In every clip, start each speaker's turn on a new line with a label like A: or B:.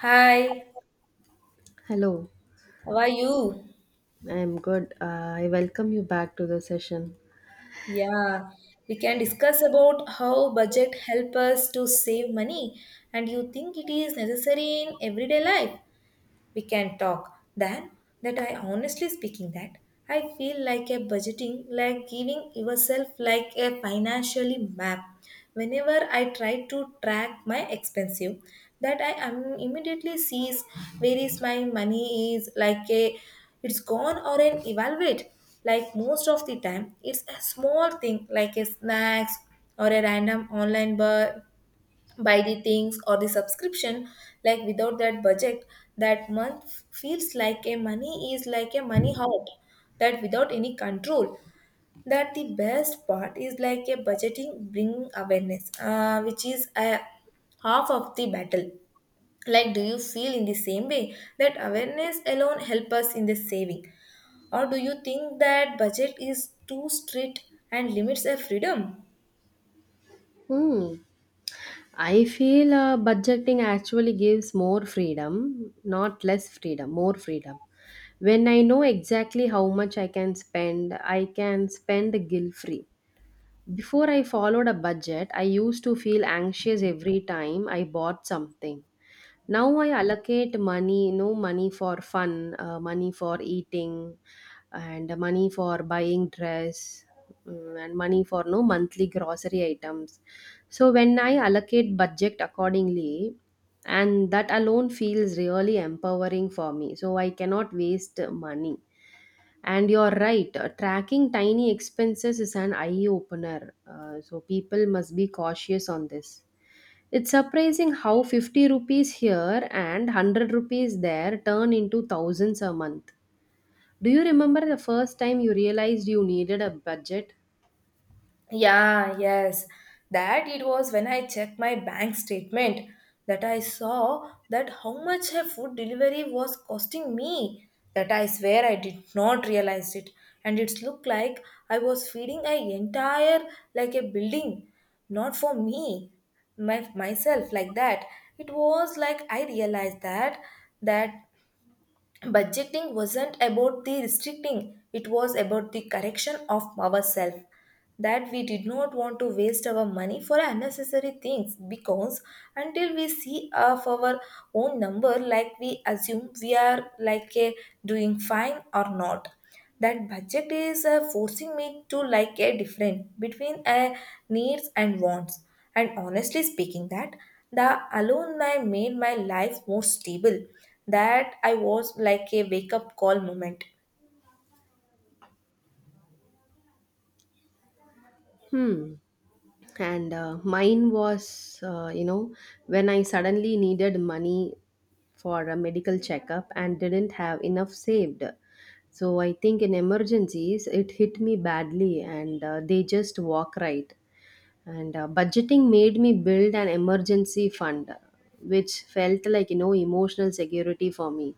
A: Hi,
B: Hello,
A: how are you?
B: I'm good. I welcome you back to the session.
A: Yeah, we can discuss about how budget help us to save money and you think it is necessary in everyday life. We can talk than that, I honestly speaking that I feel like a budgeting like giving yourself like a financially map whenever I try to track my expensive that I am immediately sees where is my money is like a it's gone or an evaluate. Like most of the time it's a small thing like a snacks or a random online buy the things or the subscription, like without that budget that month feels like a money is like a money out that without any control. That the best part is like a budgeting bring awareness, which is a half of the battle. Like do you feel in the same way that awareness alone help us in the saving, or do you think that budget is too strict and limits our freedom?
B: Hmm. I feel budgeting actually gives more freedom, not less freedom, more freedom. When I know exactly how much I can spend guilt free. Before I followed a budget, I used to feel anxious every time I bought something. Now I allocate money, money for fun, money for eating, and money for buying dress, and money for no monthly grocery items. So when I allocate budget accordingly, and that alone feels really empowering for me. So I cannot waste money. And you're right, tracking tiny expenses is an eye opener. So people must be cautious on this. It's surprising how 50 rupees here and 100 rupees there turn into thousands a month. Do you remember the first time you realized you needed a budget?
A: Yeah, yes. That it was when I checked my bank statement that I saw that how much a food delivery was costing me. That I swear I did not realize it. And it's looked like I was feeding a entire like a building. Not for me, my myself like that. It was like I realized that budgeting wasn't about the restricting, it was about the correction of ourselves, that we did not want to waste our money for unnecessary things, because until we see of our own number, like we assume we are like a doing fine or not. That budget is, forcing me to like a different between a needs and wants, and honestly speaking that the alone my made my life more stable, that I was like a wake up call moment.
B: Hmm. And mine was, when I suddenly needed money for a medical checkup and didn't have enough saved. So I think in emergencies, it hit me badly and they just walk right. And budgeting made me build an emergency fund, which felt like, you know, emotional security for me.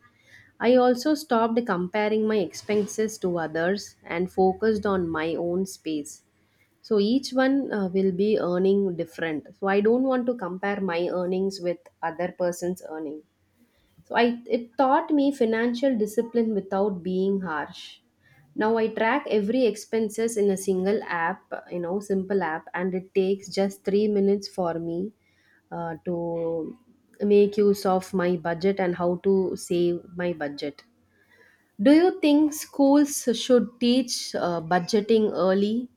B: I also stopped comparing my expenses to others and focused on my own space. So each one will be earning different, so I don't want to compare my earnings with other person's earning. So I it taught me financial discipline without being harsh. Now I track every expenses in a single app, you know, simple app, and it takes just 3 minutes for me to make use of my budget and how to save my budget. Do you think schools should teach budgeting early?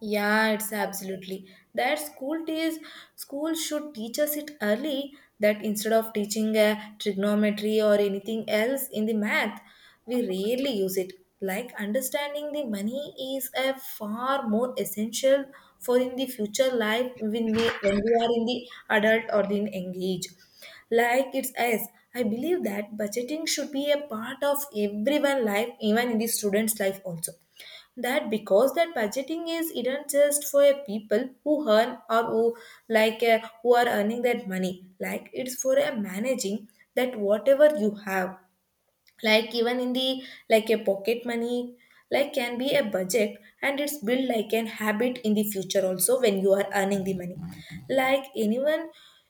A: Yeah, it's absolutely that school days. School should teach us it early, that instead of teaching a trigonometry or anything else in the math, we rarely use it. Like understanding the money is a far more essential for in the future life, when we are in the adult or in engaged. Like it's as I believe that budgeting should be a part of everyone life, even in the students' life also, that because that budgeting is isn't just for a people who earn or who, like who are earning that money. Like it's for a managing that whatever you have, like even in the like a pocket money, like can be a budget, and it's built like an habit in the future also when you are earning the money. Like anyone,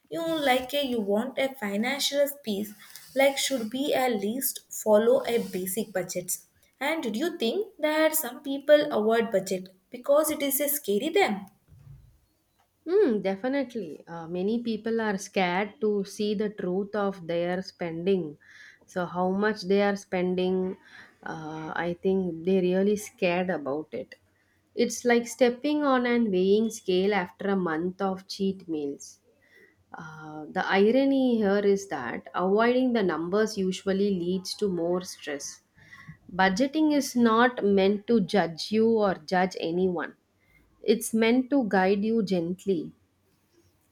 A: you like a you want a financial piece, like should be at least follow a basic budgets. And do you think that some people avoid budget because it is a scary them?
B: Mm, definitely. Many people are scared to see the truth of their spending. So, how much they are spending, I think they really scared about it. It's like stepping on an weighing scale after a month of cheat meals. The irony here is that avoiding the numbers usually leads to more stress. Budgeting is not meant to judge you or judge anyone, it's meant to guide you gently,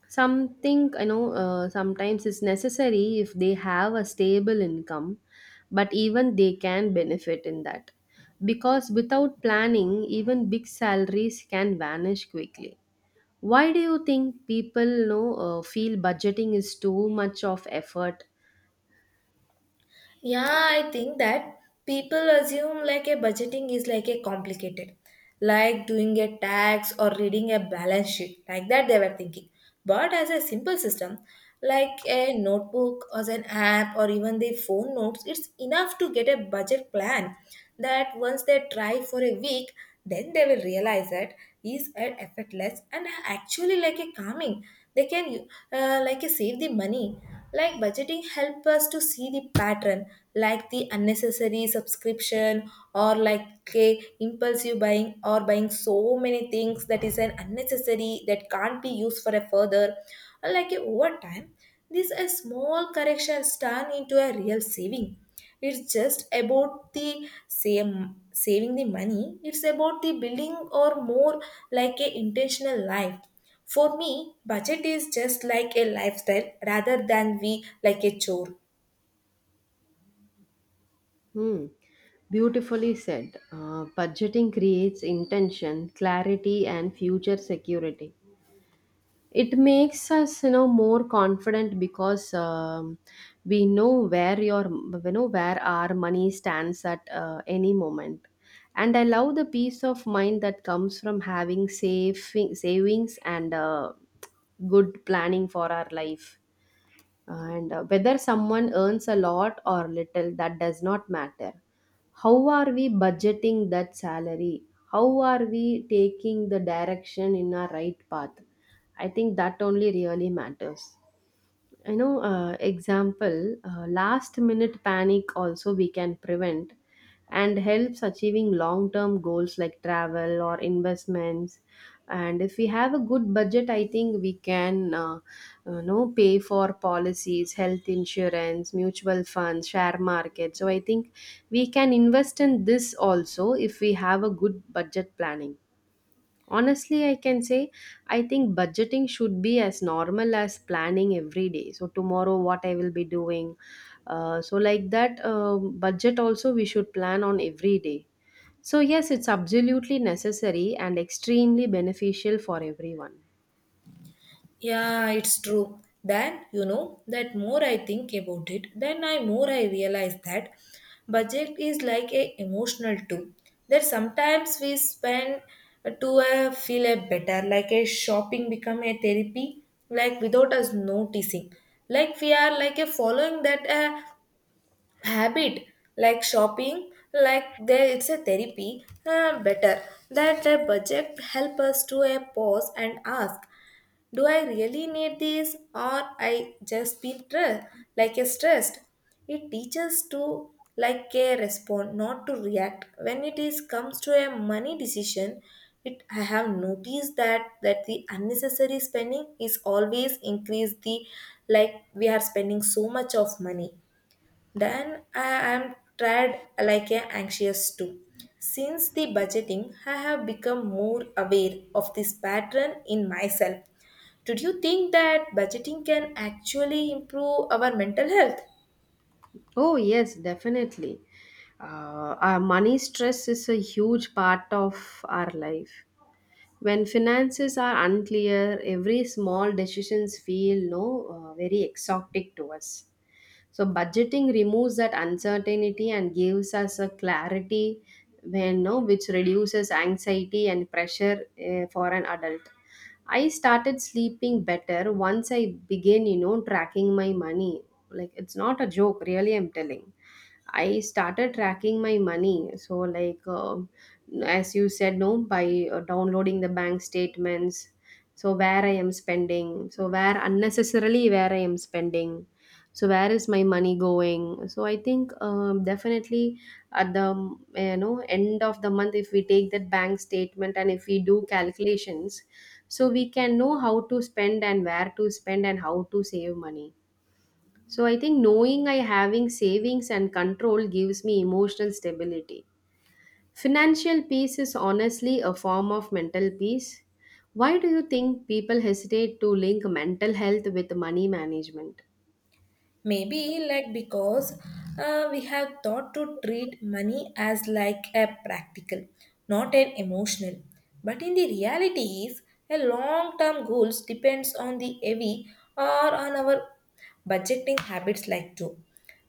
B: something, sometimes is necessary if they have a stable income, but even they can benefit in that, because without planning even big salaries can vanish quickly. Why do you think people, feel budgeting is too much of effort?
A: Yeah, I think that people assume like a budgeting is like a complicated, like doing a tax or reading a balance sheet, like that they were thinking. But as a simple system, like a notebook or an app or even the phone notes, it's enough to get a budget plan. That once they try for a week, then they will realize that is an effortless and actually like a calming. They can, like save the money. Like budgeting help us to see the pattern, like the unnecessary subscription or like okay, impulsive buying or buying so many things that is an unnecessary that can't be used for a further. Like, over time these small corrections turn into a real saving. It's just about the same, saving the money. It's about the building or more like a intentional life. For me, budget is just like a lifestyle rather than we like a chore.
B: Hmm. Beautifully said. Budgeting creates intention, clarity and future security. It makes us, you know, more confident because, we know where your you know where our money stands at any moment. And I love the peace of mind that comes from having savings and good planning for our life. And whether someone earns a lot or little, that does not matter. How are we budgeting that salary? How are we taking the direction in our right path? I think that only really matters. You know, example, last minute panic also we can prevent, and helps achieving long term goals like travel or investments. And if we have a good budget, I think we can, you know, pay for policies, health insurance, mutual funds, share market. So I think we can invest in this also if we have a good budget planning. Honestly, I can say I think budgeting should be as normal as planning every day. So, tomorrow, what I will be doing. So, like that, budget also we should plan on every day. So, yes, it's absolutely necessary and extremely beneficial for everyone.
A: Yeah, it's true. Then, that more I think about it, then I more I realize that budget is like a emotional tool. That sometimes we spend to, feel a better, like a shopping become a therapy, like without us noticing. Like we are like a following that, habit, like shopping, like there it's a therapy, better. That a budget help us to a pause and ask, do I really need this, or I just be stressed, like a stressed? It teaches to like a respond, not to react. When it is comes to a money decision, it I have noticed that the unnecessary spending is always increase the, like we are spending so much of money, then I am tried like a anxious too. Since the budgeting, I have become more aware of this pattern in myself. Do you think that budgeting can actually improve our mental health?
B: Oh, yes, definitely. Our money stress is a huge part of our life. When finances are unclear, every small decisions feel no very exotic to us. So budgeting removes that uncertainty and gives us a clarity when no, which reduces anxiety and pressure for an adult. I started sleeping better once I began, you know, tracking my money. Like it's not a joke, really I'm telling. I started tracking my money. So, like, as you said, no, by downloading the bank statements. So, where I am spending. So, where unnecessarily where I am spending. So, where is my money going? So, I think definitely at the you know end of the month, if we take that bank statement and if we do calculations, so we can know how to spend and where to spend and how to save money. So I think knowing I having savings and control gives me emotional stability. Financial peace is honestly a form of mental peace. Why do you think people hesitate to link mental health with money management?
A: Maybe like because, we have thought to treat money as like a practical, not an emotional. But in the reality is a long-term goals depends on the heavy or on our budgeting habits like too.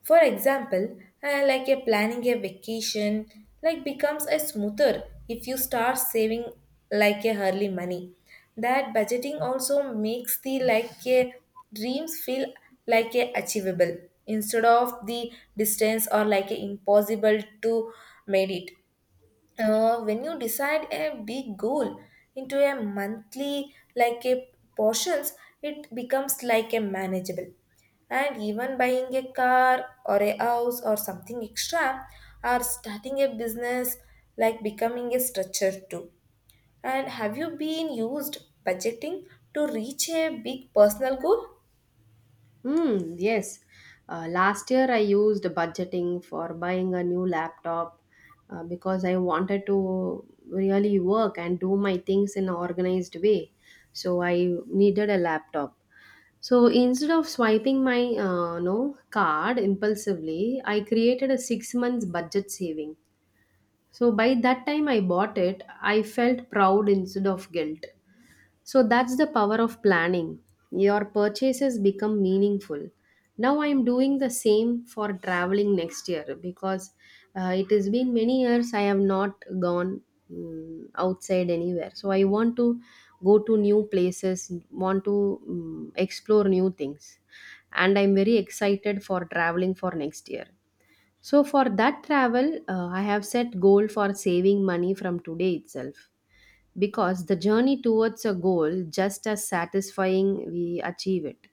A: For example, like a planning a vacation like becomes a smoother if you start saving like a early money. That budgeting also makes the like a dreams feel like a achievable, instead of the distance or like a impossible to made it, when you decide a big goal into a monthly like a portions, it becomes like a manageable. And even buying a car or a house or something extra, or starting a business, like becoming a structure too. And have you been used budgeting to reach a big personal goal?
B: Hmm, yes. Last year I used budgeting for buying a new laptop because I wanted to really work and do my things in an organized way. So I needed a laptop. So instead of swiping my no card impulsively, I created a 6 months budget saving. So by that time I bought it, I felt proud instead of guilt. So that's the power of planning. Your purchases become meaningful. Now I am doing the same for traveling next year because it has been many years I have not gone, outside anywhere. So I want to go to new places, want to explore new things. And I'm very excited for traveling for next year. So for that travel, I have set goal for saving money from today itself, because the journey towards a goal just as satisfying we achieve it.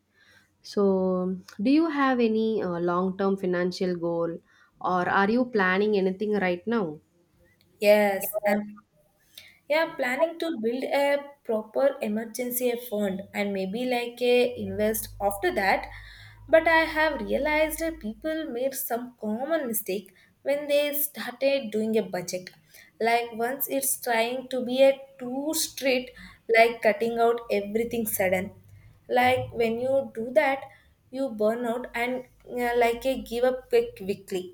B: So do you have any long term financial goal, or are you planning anything right now?
A: Yes i'm Yeah, planning to build a proper emergency fund and maybe like a invest after that. But I have realized that people made some common mistake when they started doing a budget. Like once it's trying to be a too strict, like cutting out everything sudden. Like when you do that, you burn out and, like a give up quickly.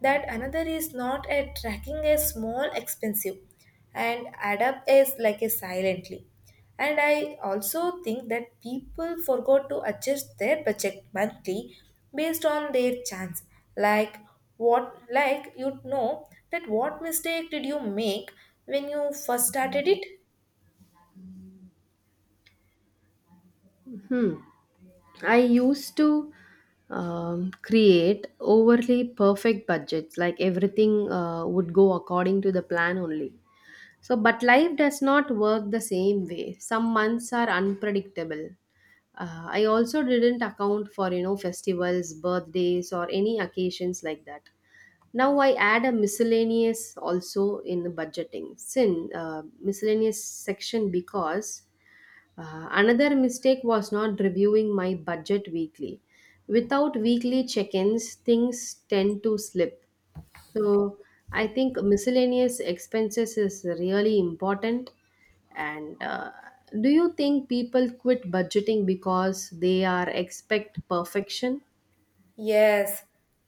A: That another is not at tracking a small expensive and add up as like a silently. And I also think that people forgot to adjust their budget monthly based on their chance. Like what, like you'd know that what mistake did you make when you first started it?
B: Hmm. I used to create overly perfect budgets, like everything would go according to the plan only. So, but life does not work the same way. Some months are unpredictable. I also didn't account for, you know, festivals, birthdays, or any occasions like that. Now I add a miscellaneous also in the budgeting, sin miscellaneous section, because another mistake was not reviewing my budget weekly. Without weekly check ins, things tend to slip. So I think miscellaneous expenses is really important. And do you think people quit budgeting because they are expect perfection?
A: Yes,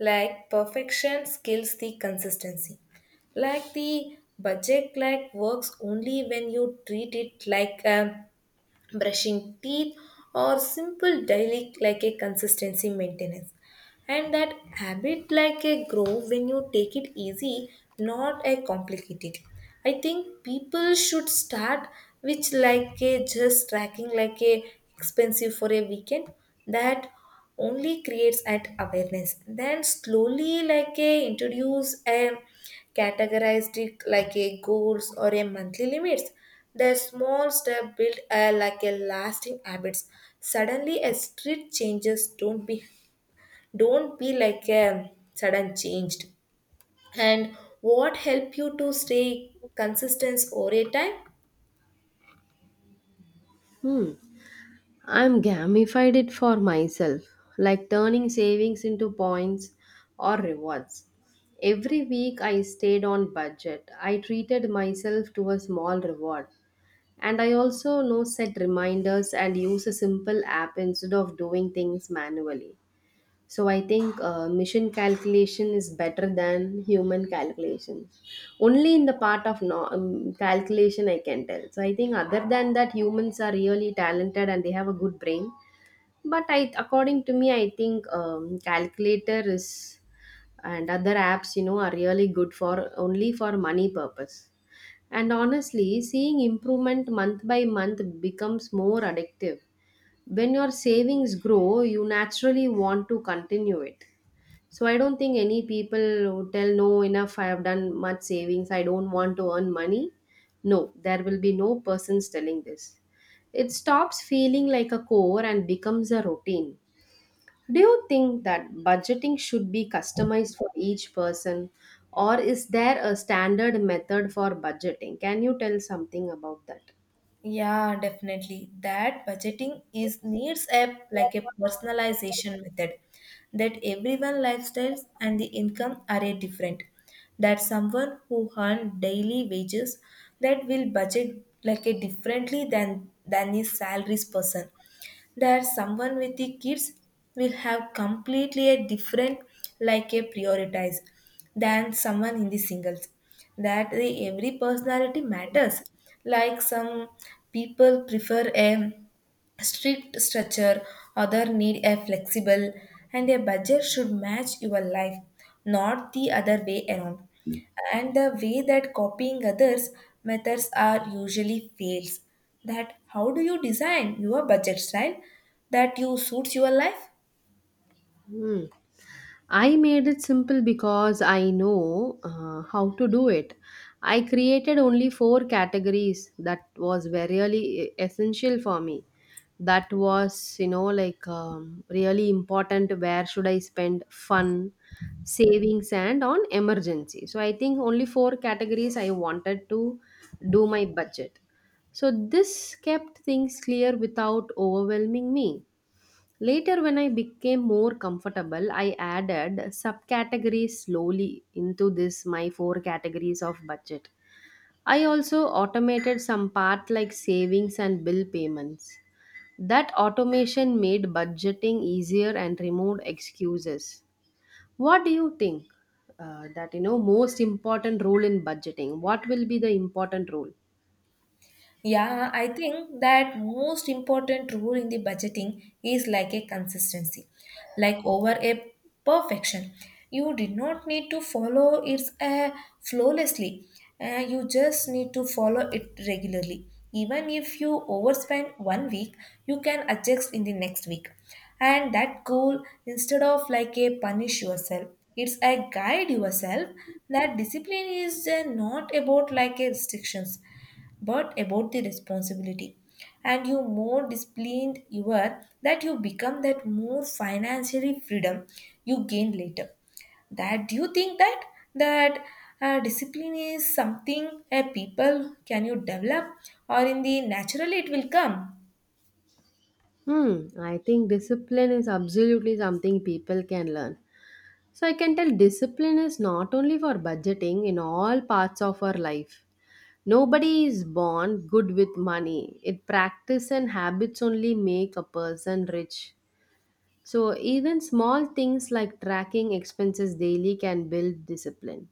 A: like perfection skills the consistency, like the budget like works only when you treat it like a brushing teeth or simple daily like a consistency maintenance. And that habit like a grow when you take it easy, not a complicated. I think people should start which like a just tracking like a expensive for a weekend. That only creates at awareness, then slowly like a introduce a categorized it like a goals or a monthly limits. The small step built a, like a lasting habits. Suddenly, a street changes don't be like a sudden changed. And what help you to stay consistent over a time?
B: Hmm. I'm gamified it for myself, like turning savings into points or rewards. Every week I stayed on budget. I treated myself to a small reward. And I also know set reminders and use a simple app instead of doing things manually. So I think mission calculation is better than human calculation. Only in the part of no, calculation I can tell. So I think other than that, humans are really talented and they have a good brain. But I, according to me, I think calculator is and other apps, you know, are really good for only for money purpose. And honestly, seeing improvement month by month becomes more addictive. When your savings grow, you naturally want to continue it, so I don't think any people would tell, no, enough, I have done much savings, I don't want to earn money. No, there will be no persons telling this. It stops feeling like a core and becomes a routine. Do you think that budgeting should be customized for each person, or is there a standard method for budgeting? Can you tell something about that?
A: Yeah, definitely. That budgeting is needs a like a personalization method, that everyone lifestyles and the income are a different. That someone who earn daily wages, that will budget like a differently than his salaries person. That someone with the kids will have completely a different like a prioritize than someone in the singles. That the every personality matters, like some people prefer a strict structure, other need a flexible. And a budget should match your life, not the other way around. And the way that copying others methods are usually fails. That how do you design your budget style that you suits your life?
B: Hmm. I made it simple because I know how to do it. I created only four categories that was very really essential for me. That was, you know, really important. Where should I spend fun, savings, and on emergency? So I think only four categories I wanted to do my budget. So this kept things clear without overwhelming me. Later, when I became more comfortable, I added subcategories slowly into this my four categories of budget. I also automated some part like savings and bill payments. That automation made budgeting easier and removed excuses. What do you think that you know most important role in budgeting? What will be the important role?
A: Yeah, I think that most important rule in the budgeting is like a consistency, like over a perfection. You did not need to follow it, flawlessly. You just need to follow it regularly. Even if you overspend one week, you can adjust in the next week. And that goal, instead of like a punish yourself, it's a guide yourself. That discipline is, not about like a restrictions but about the responsibility. And you more disciplined you are, that you become that more financially freedom you gain later. That do you think that that discipline is something a people can you develop, or in the naturally it will come?
B: Hmm, I think discipline is absolutely something people can learn. So I can tell discipline is not only for budgeting in all parts of our life. Nobody is born good with money. It practice and habits only make a person rich. So even small things like tracking expenses daily can build discipline.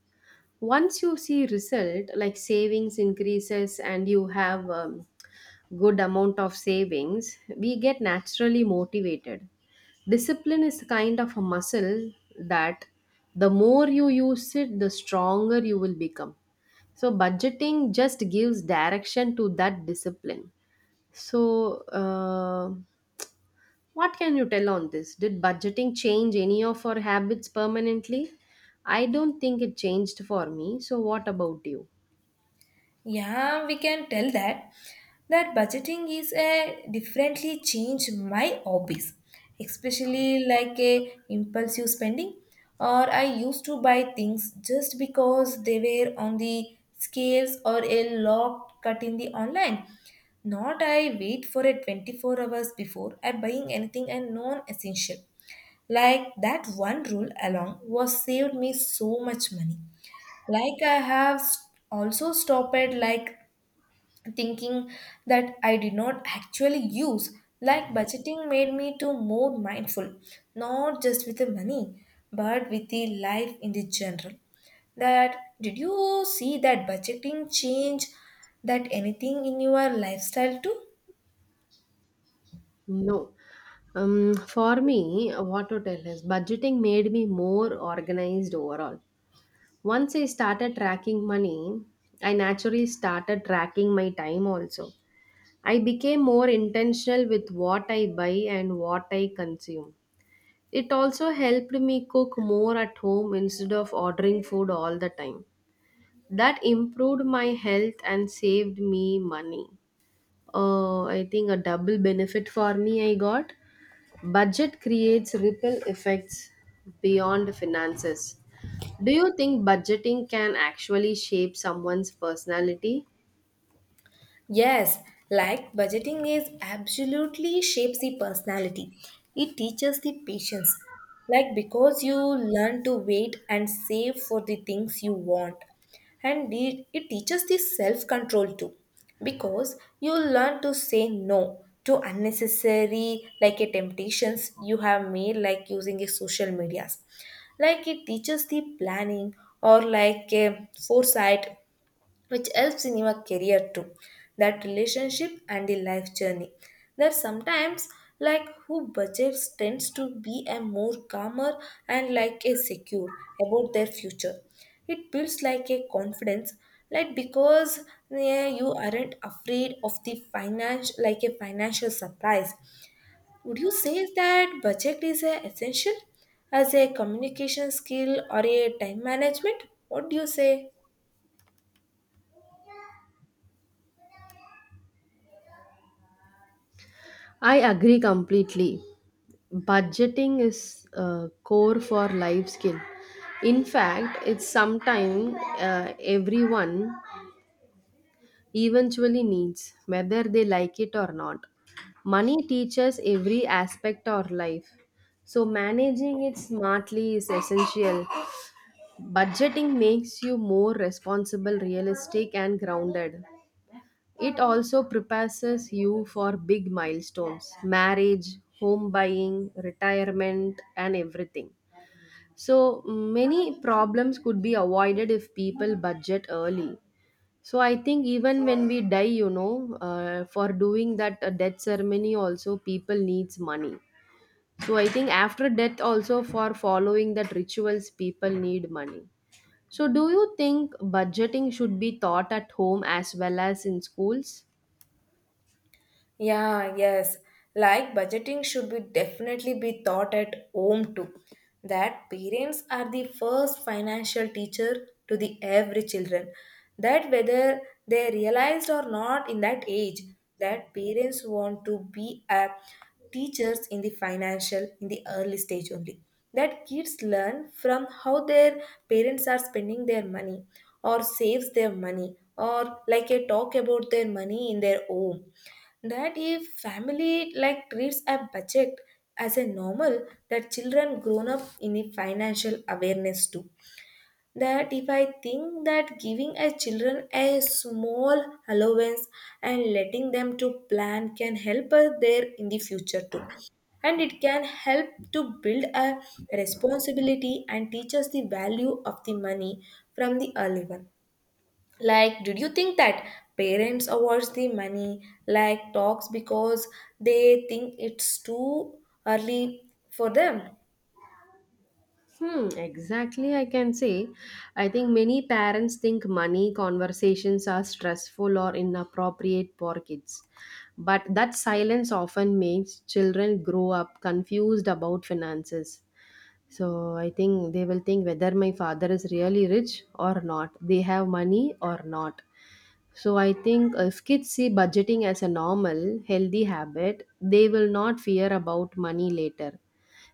B: Once you see result like savings increases and you have good amount of savings, we get naturally motivated. Discipline is kind of a muscle that the more you use it, the stronger you will become. So, budgeting just gives direction to that discipline. So, what can you tell on this? Did budgeting change any of our habits permanently? I don't think it changed for me. So, what about you?
A: Yeah, we can tell that budgeting is a differently changed my hobbies, especially like a impulsive spending. Or I used to buy things just because they were on the scales or a lot cut in the online. Not I wait for it 24 hours before I buying anything and non-essential. Like that one rule alone was saved me so much money. Like I have also stopped at like thinking that I did not actually use. Like budgeting made me to more mindful, not just with the money, but with the life in the general. That did you see that budgeting change that anything in your lifestyle too?
B: No. For me, what to tell is budgeting made me more organized overall. Once I started tracking money, I naturally started tracking my time also. I became more intentional with what I buy and what I consume. It also helped me cook more at home instead of ordering food all the time. That improved my health and saved me money. I think a double benefit for me I got. Budget creates ripple effects beyond finances. Do you think budgeting can actually shape someone's personality?
A: Yes, like budgeting is absolutely shapes the personality. It teaches the patience. Like because you learn to wait and save for the things you want. And it teaches the self-control too. Because you learn to say no to unnecessary like a temptations you have made like using a social medias. Like it teaches the planning, or like a foresight, which helps in your career too, that relationship and the life journey, that sometimes like who budgets tends to be a more calmer and like a secure about their future. It builds like a confidence, like because yeah, you aren't afraid of the finance like a financial surprise. Would you say that budget is a essential as a communication skill or a time management? What do you say?
B: I agree completely. Budgeting is core for life skill. In fact, it's something everyone eventually needs, whether they like it or not. Money teaches every aspect of life, so managing it smartly is essential. Budgeting makes you more responsible, realistic, and grounded. It also prepares you for big milestones marriage, home buying, retirement, and everything. So, many problems could be avoided if people budget early. So, I think even when we die, for doing that death ceremony, also people needs money. So, I think after death, also for following that rituals, people need money. So, do you think budgeting should be taught at home as well as in schools?
A: Yeah, yes. Like budgeting should be definitely be taught at home too. That parents are the first financial teacher to the every children. That whether they realized or not in that age, that parents want to be a teachers in the financial in the early stage only. That kids learn from how their parents are spending their money or saves their money or like a talk about their money in their home, that if family like treats a budget as a normal, that children grown up in a financial awareness too. That if I think that giving a children a small allowance and letting them to plan can help us there in the future too, and it can help to build a responsibility and teach us the value of the money from the early one. Did you think that parents awards the money talks because they think it's too early for them?
B: Hmm, exactly, I can say. I think many parents think money conversations are stressful or inappropriate for kids. But that silence often makes children grow up confused about finances. So I think they will think whether my father is really rich or not, they have money or not. So I think if kids see budgeting as a normal, healthy habit, they will not fear about money later.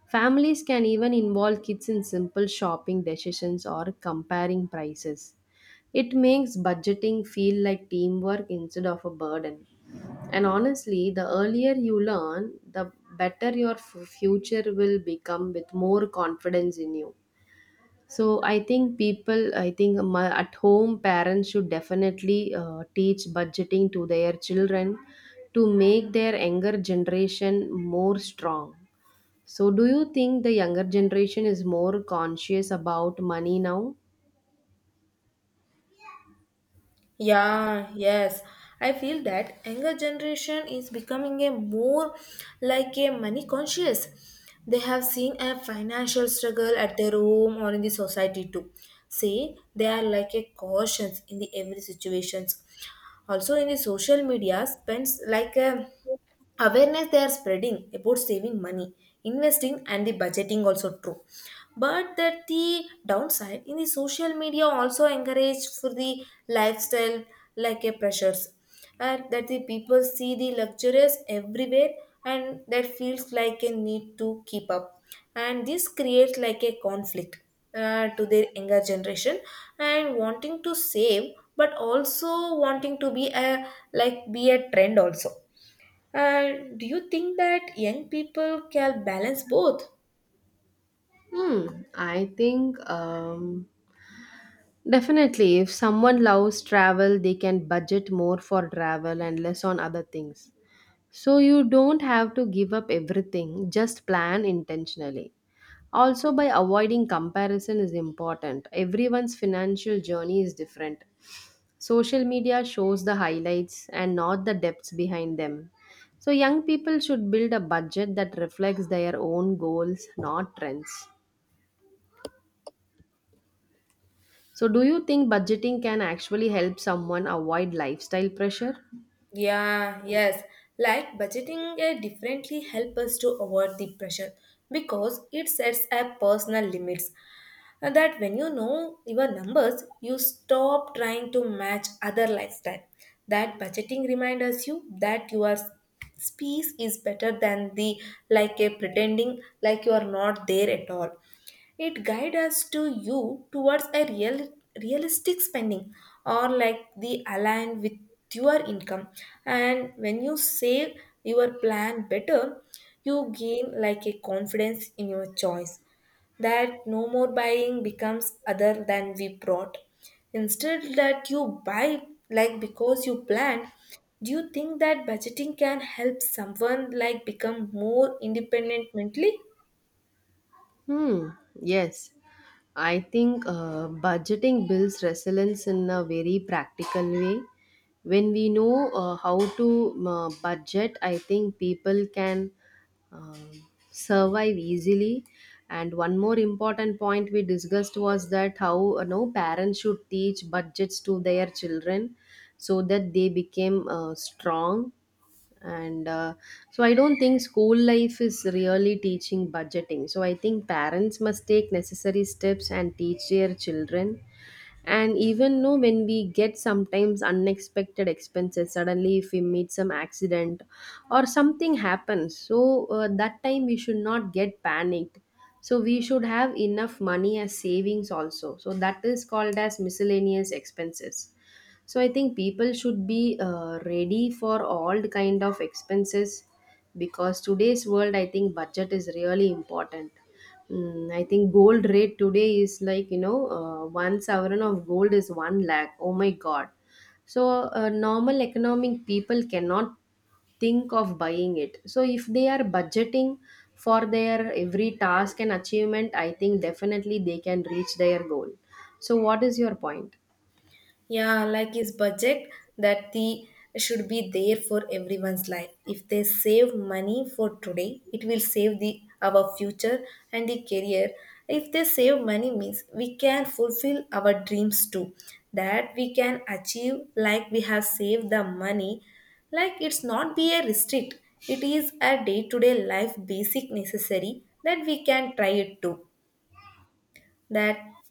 B: Families can even involve kids in simple shopping decisions or comparing prices. It makes budgeting feel like teamwork instead of a burden. And honestly, the earlier you learn, the better your future will become with more confidence in you. So I think people, I think my, at home parents should definitely teach budgeting to their children to make their younger generation more strong. So, do you think the younger generation is more conscious about money now?
A: Yeah, yes. I feel that younger generation is becoming a more like a money conscious. They have seen a financial struggle at their home or in the society too. See, they are like a cautions in the every situations. Also in the social media spends like a awareness, they are spreading about saving money, investing, and the budgeting also true. But that the downside in the social media also encourage for the lifestyle like a pressures, and that the people see the luxurious everywhere, and that feels like a need to keep up, and this creates like a conflict to their younger generation, and wanting to save but also wanting to be a be a trend also. And do you think that young people can balance both?
B: Hmm, I think definitely if someone loves travel, they can budget more for travel and less on other things. So, you don't have to give up everything, just plan intentionally. Also, by avoiding comparison is important. Everyone's financial journey is different. Social media shows the highlights and not the depths behind them. So, young people should build a budget that reflects their own goals, not trends. So, do you think budgeting can actually help someone avoid lifestyle pressure?
A: Yeah, yes. Like budgeting differently help us to avoid the pressure because it sets up personal limits. And that when you know your numbers, you stop trying to match other lifestyle. That budgeting reminds you that you are space is better than the like a pretending like you are not there at all. It guides us to you towards a real realistic spending or like the align with your income. And when you save your plan better, you gain like a confidence in your choice that no more buying becomes other than we brought. Instead, that you buy like because you planned, do you think that budgeting can help someone like become more independent mentally?
B: Hmm. Yes, I think budgeting builds resilience in a very practical way. When we know how to budget, I think people can um, survive easily. And one more important point we discussed was that how no parents should teach budgets to their children so that they became strong and so I don't think school life is really teaching budgeting, so I think parents must take necessary steps and teach their children. And even know when we get sometimes unexpected expenses suddenly, if we meet some accident or something happens, so that time we should not get panicked. So we should have enough money as savings also, so that is called as miscellaneous expenses. So I think people should be ready for all the kind of expenses, because today's world I think budget is really important. Mm, I think gold rate today is like one sovereign of gold is one lakh. Oh my god! So normal economic people cannot think of buying it. So if they are budgeting for their every task and achievement, I think definitely they can reach their goal. So what is your point?
A: Yeah, like his budget that the should be there for everyone's life. If they save money for today, it will save the our future and the career. If they save money means we can fulfill our dreams too. That we can achieve like we have saved the money. Like it's not be a restrict. It is a day-to-day life basic necessary that we can try it too that